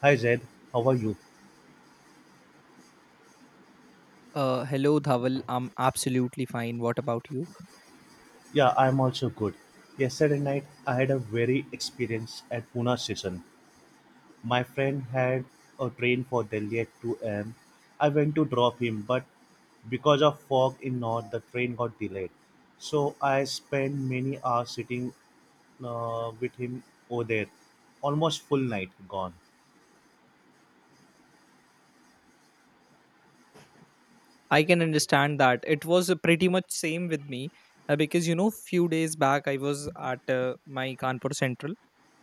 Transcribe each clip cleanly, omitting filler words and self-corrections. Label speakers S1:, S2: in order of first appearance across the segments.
S1: Hi Zaid, how are you?
S2: Hello, Dhaval. I'm absolutely fine. What about you?
S1: Yeah, I'm also good. Yesterday night, I had a very experience at Pune station. My friend had a train for Delhi at 2 am. I went to drop him, but because of fog in north, the train got delayed. So I spent many hours sitting with him over there, almost full night gone.
S2: I can understand that. It was pretty much same with me because you know, few days back I was at my Kanpur Central,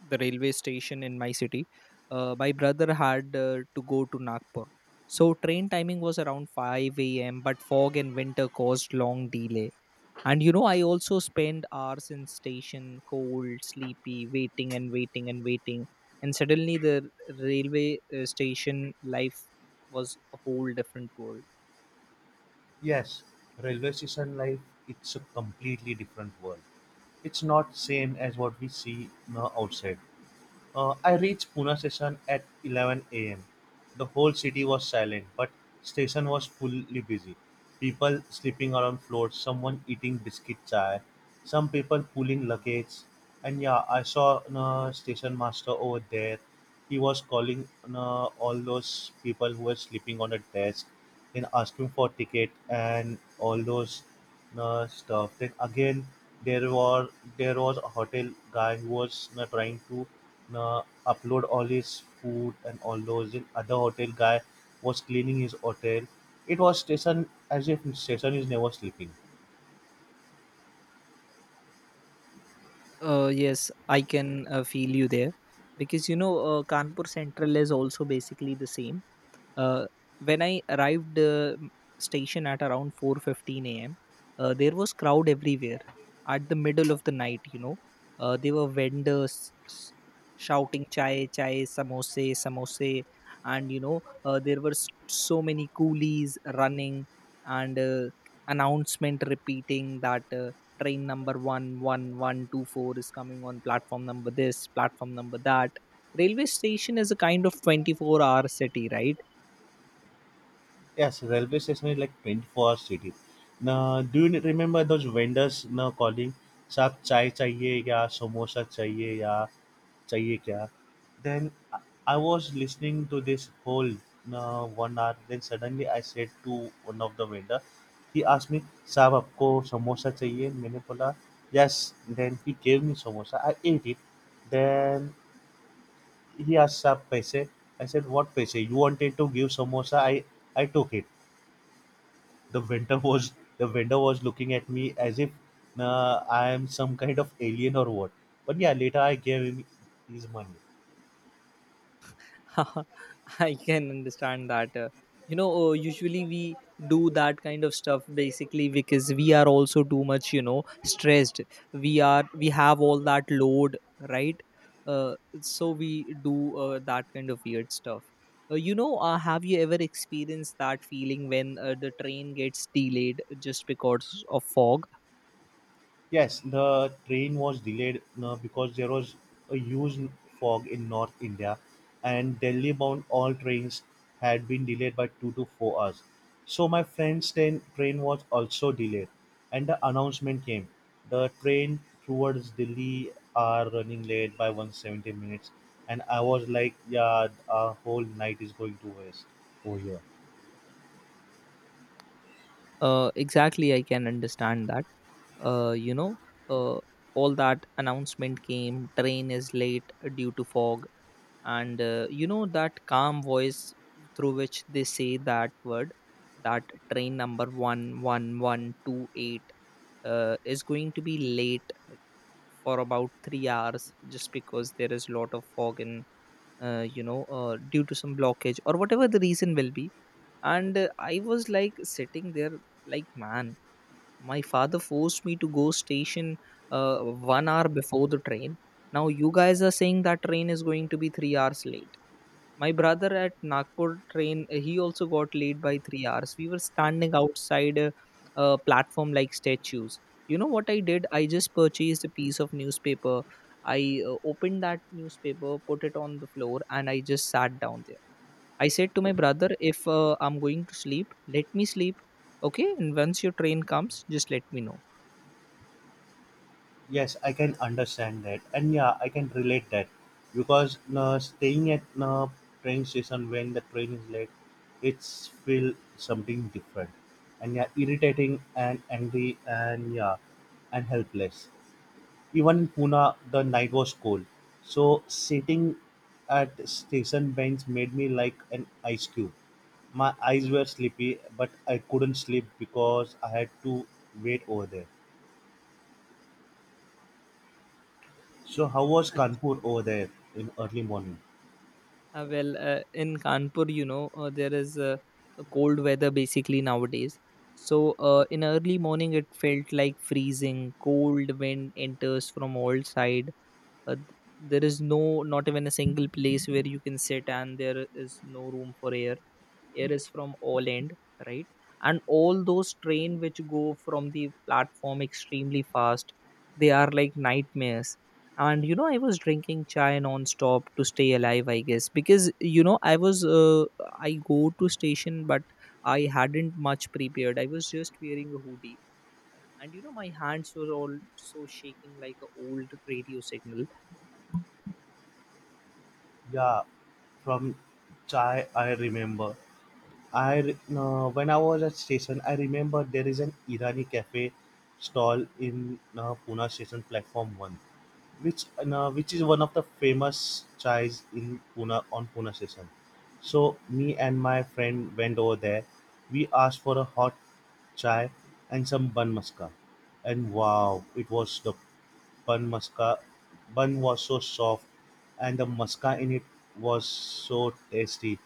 S2: the railway station in my city. My brother had to go to Nagpur, so train timing was around 5 a.m. But fog and winter caused long delay. And you know, I also spend hours in station, cold, sleepy, waiting and waiting and waiting. And suddenly, the railway station life was a whole different world.
S1: Yes, railway station life, it's a completely different world. It's not same as what we see outside. I reached Pune station at 11 a.m. The whole city was silent, but station was fully busy. People sleeping around floors, someone eating biscuit chai, some people pulling luggage. And yeah, I saw a station master over there. He was calling all those people who were sleeping on the desk, then asking for ticket and all those stuff. Then again, there were there was a hotel guy who was trying to uh, upload all his food and all those. And other hotel guy was cleaning his hotel. It was station as if station is never sleeping.
S2: Yes, I can feel you there because you know, Kanpur Central is also basically the same, uh, when I arrived, station at around 4:15 a.m. There was crowd everywhere at the middle of the night, you know. There were vendors s- shouting chai chai samose samose, and you know, there were so many coolies running, and announcement repeating that train number 11124 is coming on platform number this, platform number that. Railway station is a kind of 24-hour city, right?
S1: Yes, railway station is like 24 hours city. Now, do you remember those vendors now calling? साहब चाय चाहिए या समोसा चाहिए या चाहिए क्या. Then i I was listening to this whole 1 hour. Then suddenly I said to one of the waiter. He asked me साहब आपको समोसा चाहिए मैंने बोला, yes. Then he gave me samosa. I ate it. Then he asked साहब पैसे. I said, what पैसे? You wanted to give samosa, I took it. The vendor was the vendor was looking at me as if I am some kind of alien or what. But yeah, later I gave him his money.
S2: I can understand that. You know, usually we do that kind of stuff basically because we are also too much, you know, stressed. We have all that load, right? Uh, so we do that kind of weird stuff. You know, have you ever experienced that feeling when the train gets delayed just because of fog?
S1: Yes, the train was delayed because there was a huge fog in North India, and Delhi bound all trains had been delayed by 2 to 4 hours. So my friend's train was also delayed, and the announcement came: the train towards Delhi are running late by 170 minutes. And I was like, yeah, our whole night is going to waste over here.
S2: Exactly, I can understand that. You know, uh, all that announcement came, train is late due to fog. And you know, that calm voice through which they say that word, that train number 11128 is going to be late for about 3 hours, just because there is a lot of fog and you know, due to some blockage or whatever the reason will be. And I was like sitting there like, man, my father forced me to go station 1 hour before the train. Now you guys are saying that train is going to be 3 hours late. My brother at Nagpur train, he also got late by 3 hours. We were standing outside a platform like statues. You know what I did? I just purchased a piece of newspaper. I opened that newspaper, put it on the floor, and I just sat down there. I said to my brother, if I'm going to sleep, let me sleep. Okay. And once your train comes, just let me know.
S1: Yes, I can understand that, and yeah, I can relate that because staying at a train station when the train is late, it's feel something different, and yeah, irritating and angry and yeah, and helpless. Even in Pune, the night was cold, so sitting at station bench made me like an ice cube. My eyes were sleepy, but I couldn't sleep because I had to wait over there. So how was Kanpur over there in early morning?
S2: Well, in Kanpur, you know, there is a cold weather basically nowadays. So, in early morning, it felt like freezing. Cold wind enters from all side. Uh, th- there is no, not even a single place where you can sit, and there is no room for air. Air is from Oland, right? And all those train which go from the platform extremely fast, they are like nightmares. And you know, I was drinking chai non-stop to stay alive, I guess, because you know, I was I go to station, but I hadn't much prepared. I was just wearing a hoodie, and you know, my hands were also shaking like an old radio signal.
S1: Yeah, from Chai I remember. No, when I was at station, I remember there is an Irani cafe stall in Pune station platform one, which is one of the famous chais in Pune on Pune station. So me and my friend went over there. We asked for a hot chai and some bun maska, and wow, it was the bun masca. Bun was so soft and the masca in it was so tasty.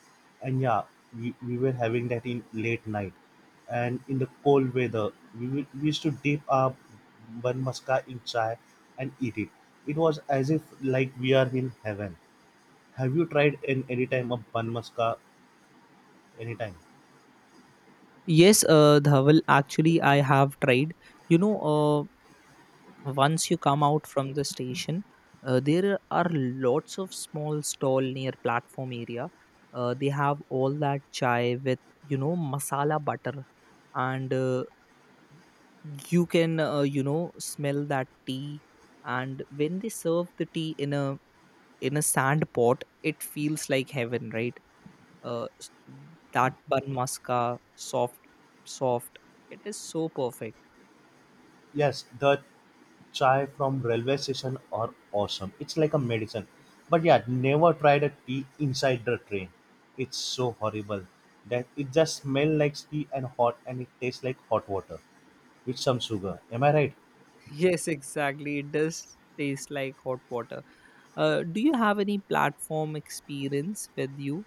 S1: And yeah, we were having that in late night and in the cold weather. We used to dip our bun masca in chai and eat it. It was as if like we are in heaven. Have you tried in any time a bun muska anytime?
S2: Yes, Dhawal, actually I have tried. You know, once you come out from the station, there are lots of small stall near platform area. They have all that chai with, you know, masala butter, and you can you know, smell that tea. And when they serve the tea in a, in a sand pot, it feels like heaven, right? Uh, s- that bun maska, soft, soft. It is so perfect.
S1: Yes, the chai from railway station are awesome. It's like a medicine. But yeah, never tried a tea inside the train. It's so horrible that it just smells like tea and hot and it tastes like hot water with some sugar. Am I right?
S2: Yes, exactly. It does taste like hot water. Do you have any platform experience with you,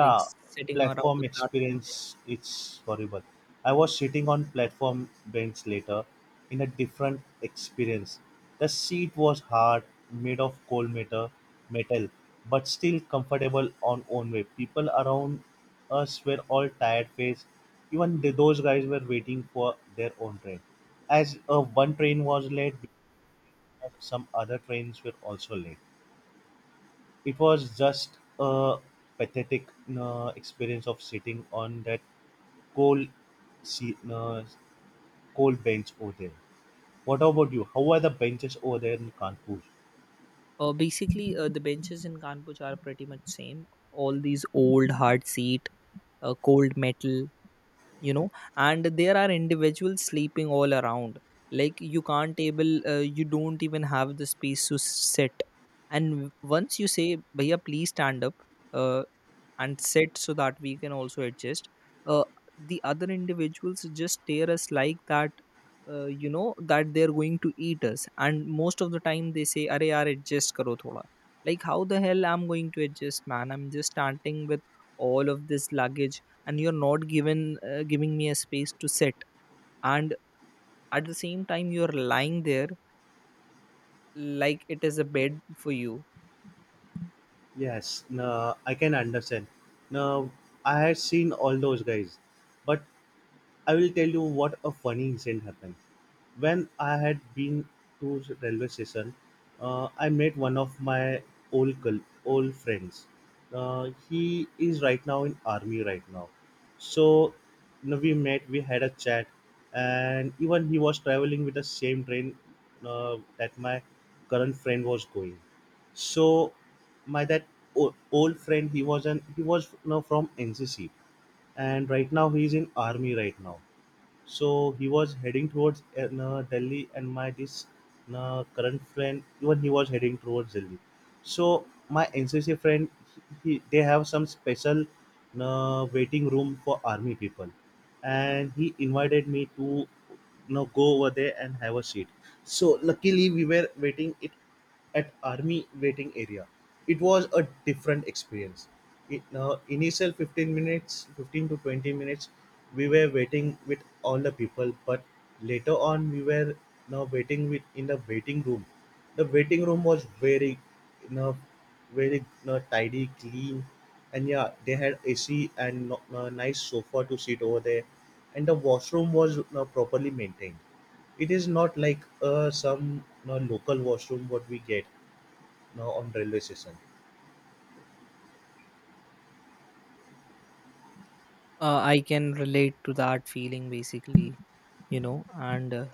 S2: like sitting around
S1: platform
S2: the platform
S1: experience
S2: bench?
S1: it's horrible. I was sitting on platform bench later in a different experience. The seat was hard, made of coal metal, metal but still comfortable on own way. People around us were all tired faced. Even those guys were waiting for their own train. As one train was late, some other trains were also late. It was just a pathetic experience of sitting on that cold seat, cold bench over there. What about you? How are the benches over there in Kanpur?
S2: Basically, the benches in Kanpur are pretty much same. All these old hard seat, cold metal, you know, and there are individuals sleeping all around. Like you can't able, you don't even have the space to sit. And once you say, "Bhaiya, please stand up," uh, and sit so that we can also adjust, uh, the other individuals just tear us like that, you know, that they're going to eat us. And most of the time they say, "Arey yaar adjust karo thoda," like how the hell I'm going to adjust, man? I'm just starting with all of this luggage and you're not given, giving me a space to sit. And at the same time, you're lying there like it is a bed for you.
S1: Yes, no, I can understand. Now, I had seen all those guys, but I will tell you what a funny incident happened. When I had been to railway station, I met one of my old friends. He is right now in army right now. So you know, we met, we had a chat, and even he was traveling with the same train that my current friend was going. So my that old friend, he was you know, from NCC, and right now he is in army right now. So he was heading towards Delhi, and my this current friend, even he was heading towards Delhi. So my NCC friend, they have some special waiting room for army people, and he invited me to you know, go over there and have a seat. So luckily we were waiting it at army waiting area. It was a different experience. It, initial 15 minutes, 15 to 20 minutes, we were waiting with all the people. But later on, we were now waiting with in the waiting room. The waiting room was you know, very you know, tidy, clean, and yeah, they had AC and no, no, nice sofa to sit over there, and the washroom was you know, properly maintained. It is not like some you know, local washroom what we get you know, on railway station.
S2: I can relate to that feeling, basically. You know, and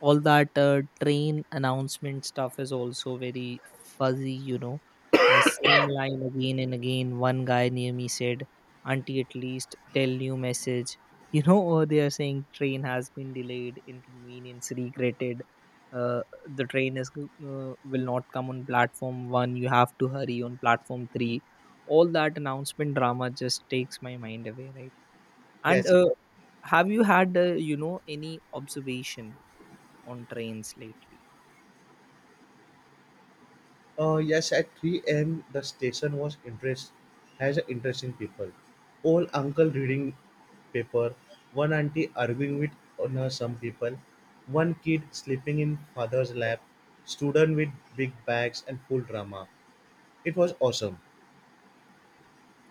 S2: all that train announcement stuff is also very fuzzy, you know. Same line again and again. One guy near me said, auntie at least tell new message. You know, or they are saying, train has been delayed, inconvenience regretted. uh, the train is will not come on platform 1, you have to hurry on platform 3. All that announcement drama just takes my mind away, right? And
S1: Yes,
S2: have you had you know, any observation on trains lately?
S1: yes. At 3 a.m. the station was interest has a interesting people. Old uncle reading paper, one auntie arguing with you know, some people, one kid sleeping in father's lap, student with big bags and full drama. It was awesome.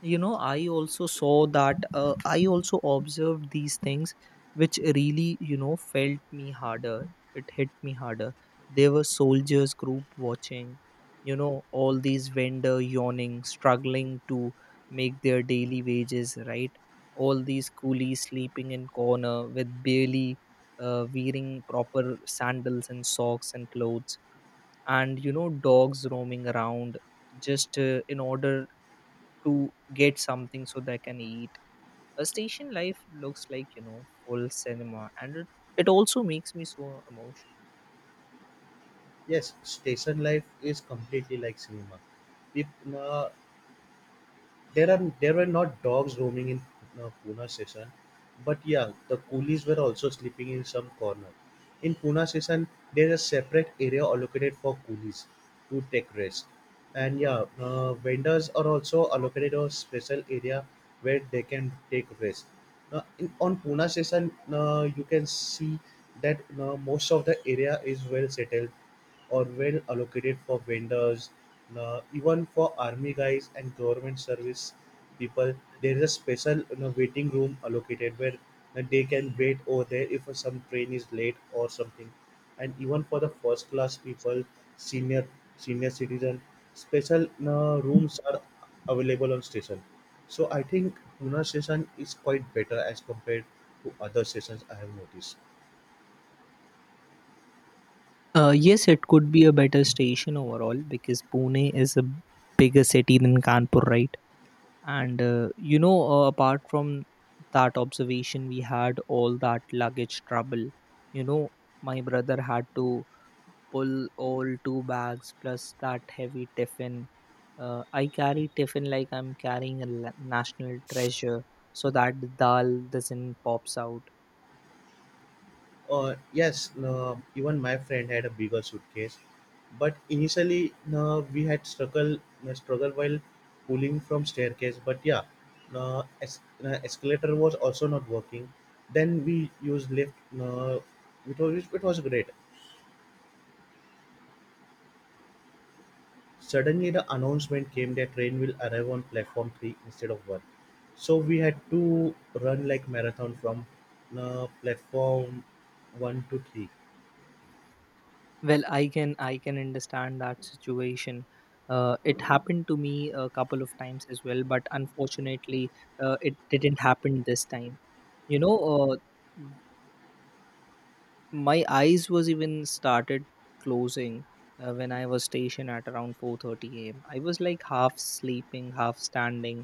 S2: You know, I also saw that I also observed these things which really, you know, felt me harder, it hit me harder. There were soldiers group watching, you know, all these vendor yawning, struggling to make their daily wages, right? All these coolies sleeping in corner with barely wearing proper sandals and socks and clothes, and you know, dogs roaming around just in order to get something so they can eat. A station life looks like, you know, full cinema, and it also makes me so emotional.
S1: Yes, station life is completely like cinema. People, there were not dogs roaming in Pune session, but yeah, the coolies were also sleeping in some corner. In Pune session, there is a separate area allocated for coolies to take rest, and yeah, vendors are also allocated a special area where they can take rest. Now, in, on Pune session, you can see that most of the area is well settled or well allocated for vendors even for army guys and government service people. There is a special you know, waiting room allocated where they can wait over there if some train is late or something. And even for the first class people, senior senior citizen special rooms are available on station. So I think Pune station is quite better as compared to other stations I have noticed.
S2: Yes, it could be a better station overall because Pune is a bigger city than Kanpur, right? And, you know, apart from that observation, we had all that luggage trouble. You know, my brother had to pull all two bags plus that heavy tiffin. I carry tiffin like I'm carrying a national treasure, so that the dal doesn't pops out.
S1: Yes, no, even my friend had a bigger suitcase, but initially no, we had struggle no, struggle while pulling from staircase. But yeah, no, escalator was also not working. Then we used lift. No, it was great. Suddenly the announcement came that train will arrive on platform three instead of one. So we had to run like marathon from no, platform one to three.
S2: Well, I can understand that situation. It happened to me a couple of times as well, but unfortunately, it didn't happen this time. You know, uh, my eyes was even started closing when I was stationed at around 4:30 a.m. I was like half sleeping, half standing.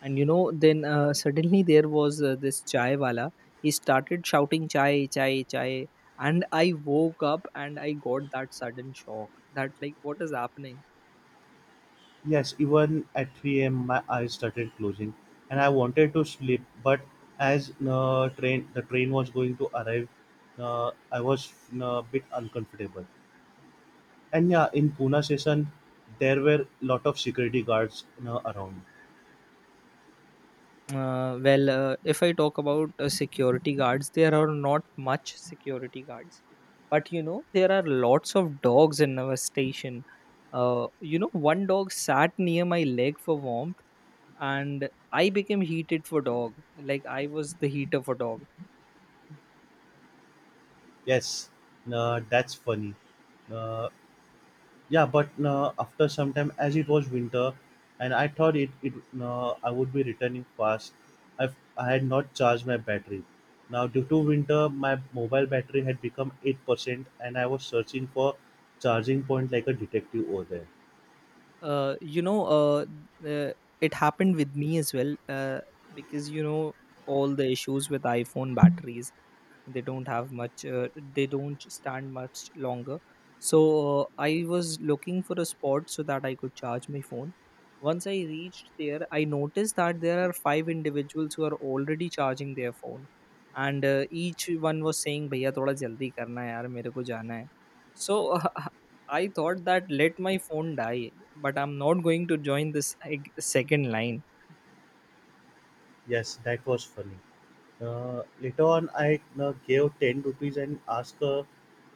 S2: And you know, then suddenly there was this chai wala, he started shouting chai chai chai, and I woke up and I got that sudden shock that like, what is happening?
S1: Yes, even at 3 a.m., my eyes started closing, and I wanted to sleep. But as train the train was going to arrive, I was a bit uncomfortable. And yeah, in Pune station, there were lot of security guards around.
S2: Well, if I talk about security guards, there are not much security guards, but you know, there are lots of dogs in our station. You know, one dog sat near my leg for warmth, and I became heated for dog. Like I was the heater for dog.
S1: Yes, that's funny. Uh, Yeah, but after some time, as it was winter, and I thought it it I would be returning fast. I I had not charged my battery. Now, due to winter, my mobile battery had become 8%, and I was searching for charging point like a detective over there.
S2: You know, uh, it happened with me as well. Because you know, all the issues with iPhone batteries, they don't have much, they don't stand much longer. So, I was looking for a spot so that I could charge my phone. Once I reached there, I noticed that there are five individuals who are already charging their phone, and each one was saying, भैया थोड़ा जल्दी करना है यार मेरे को जाना है. So, I thought that let my phone die, but I'm not going to join this like, second line.
S1: Yes, that was funny. Later on, I gave ten rupees and asked a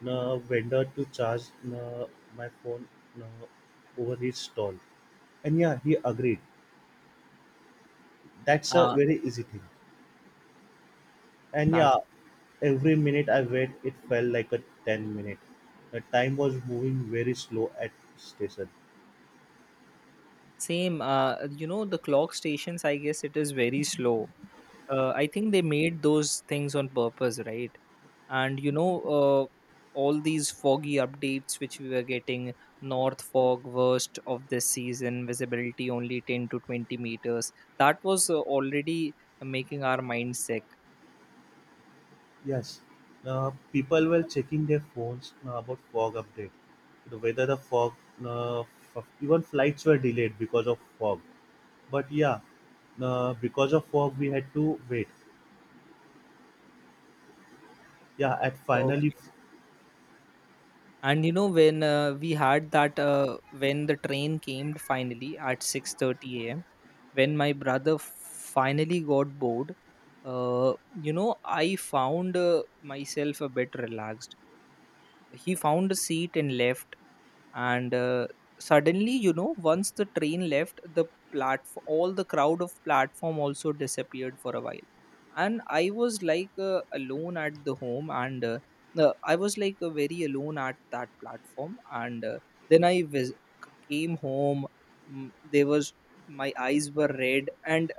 S1: vendor to charge uh, my phone uh, over his stall, and yeah, he agreed. That's a very easy thing. And
S2: uh,
S1: yeah, every minute I wait, it felt like a 10 minute. The time was moving very slow at station.
S2: Same, you know, the clock stations, I guess it is very slow. I think they made those things on purpose, right? And you know, all these foggy updates which we were getting, north fog worst of this season, visibility only 10 to 20 meters, that was already making our mind sick.
S1: Yes, people were checking their phones about fog update. The Whether the fog, even flights were delayed because of fog. But yeah, because of fog, we had to wait. Yeah, at
S2: Okay.
S1: finally.
S2: And you know, when we had that when the train came finally at 6:30 a.m., when my brother finally got bored, uh, you know, I found myself a bit relaxed. He found a seat and left. And suddenly, you know, once the train left the platform, all the crowd of platform also disappeared for a while, and I was like alone at the home. And I was like very alone at that platform. And then came home. There was, my eyes were red, and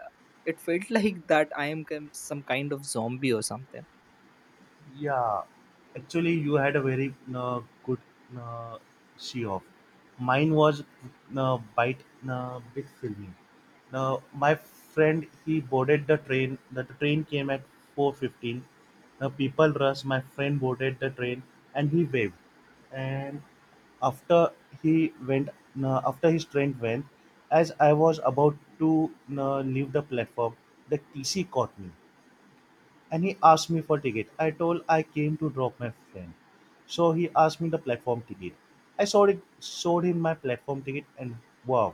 S2: it felt like that I am some kind of zombie or something.
S1: Yeah, actually, you had a very good uh, she off. Mine was uh, bite bit filming. Now my friend he boarded the train. The train came at 4:15. Now people rushed. My friend boarded the train and he waved. And after he went, after his train went, as I was about to leave the platform, the TC caught me and he asked me for ticket. I told I came to drop my friend. So he asked me the platform ticket. I showed it showed him my platform ticket and wow,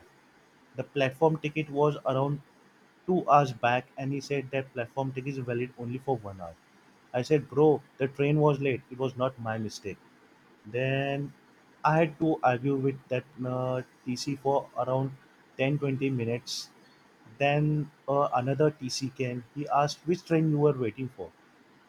S1: the platform ticket was around 2 hours back and he said that platform ticket is valid only for 1 hour. I said, Bro, the train was late. It was not my mistake. Then I had to argue with that TC for around 10-20 minutes. Then another TC came. He asked which train you were waiting for.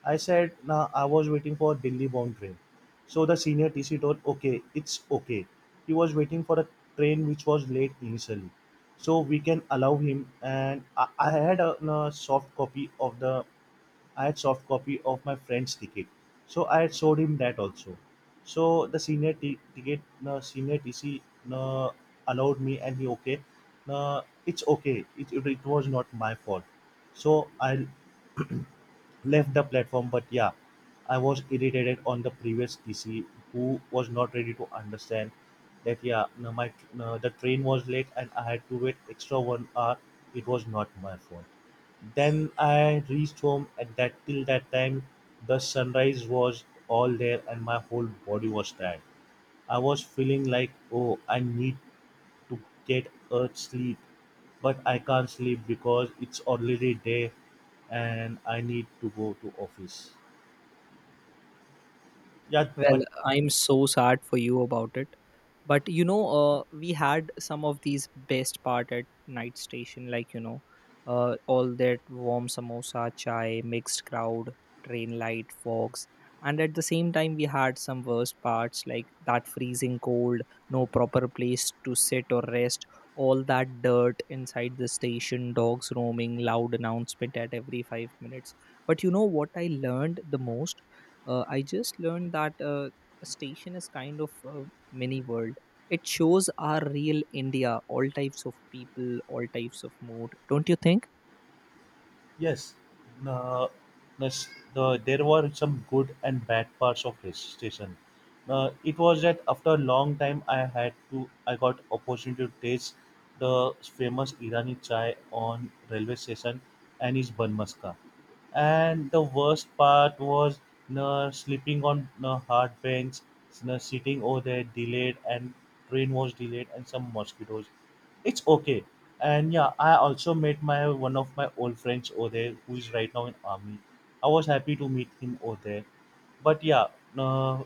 S1: I said, nah, I was waiting for a Delhi bound train. So the senior TC told, okay, it's okay. He was waiting for a train which was late initially. So we can allow him. And I had a soft copy of I had soft copy of my friend's ticket. So I had showed him that also. So the senior senior TC uh, allowed me and he okay. It's okay. It was not my fault. So I left the platform, but yeah, I was irritated on the previous TC who was not ready to understand that yeah no, my no, the train was late and I had to wait extra 1 hour. It was not my fault. Then I reached home. At that Till that time the sunrise was all there and my whole body was tired. I was feeling like, oh, I need to get a sleep but I can't sleep because it's already day and I need to go to office. Yeah,
S2: Well,
S1: but
S2: I'm so sad for you about it, but you know, we had some of these best part at night station, like you know, all that warm samosa chai, mixed crowd, train light, fogs. And at the same time, we had some worst parts like that freezing cold, no proper place to sit or rest, all that dirt inside the station, dogs roaming, loud announcement at every 5 minutes. But you know what I learned the most, I just learned that a station is kind of a mini world. It shows our real India, all types of people, all types of mood, don't you think?
S1: yes, uh, there were some good and bad parts of this station. It was that after a long time, I got opportunity to taste the famous Irani chai on railway station and its bun maska. And the worst part was sleeping on a hard bench, sitting over there delayed and train was delayed and some mosquitoes. It's okay. And yeah, I also met my one of my old friends over there who is right now in army. I was happy to meet him over there. But yeah, uh,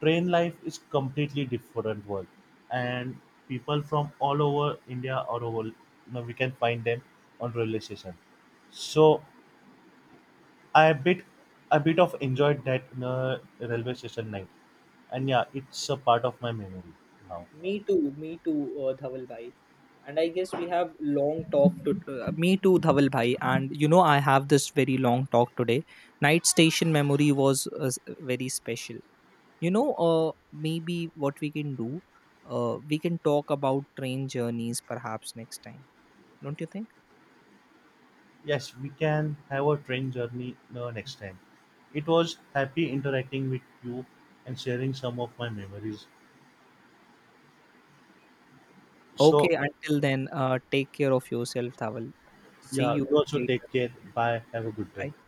S1: train life is completely different world, and people from all over India, or over you know, we can find them on railway station. So I a bit of enjoyed that railway station night, and yeah, it's a part of my memory now.
S2: Me too, Dhawal bhai. And I guess we have long talk to. Me too, Dhawal bhai. And you know, I have this very long talk today. Night station memory was very special. You know, maybe what we can do, we can talk about train journeys perhaps next time, don't you think?
S1: Yes, we can have a train journey next time. It was happy interacting with you and sharing some of my memories. So
S2: Okay, until then, take care of yourself, Dhawal. See
S1: yeah, you
S2: you
S1: also take
S2: later.
S1: care. Bye. Have a good day.
S2: Bye.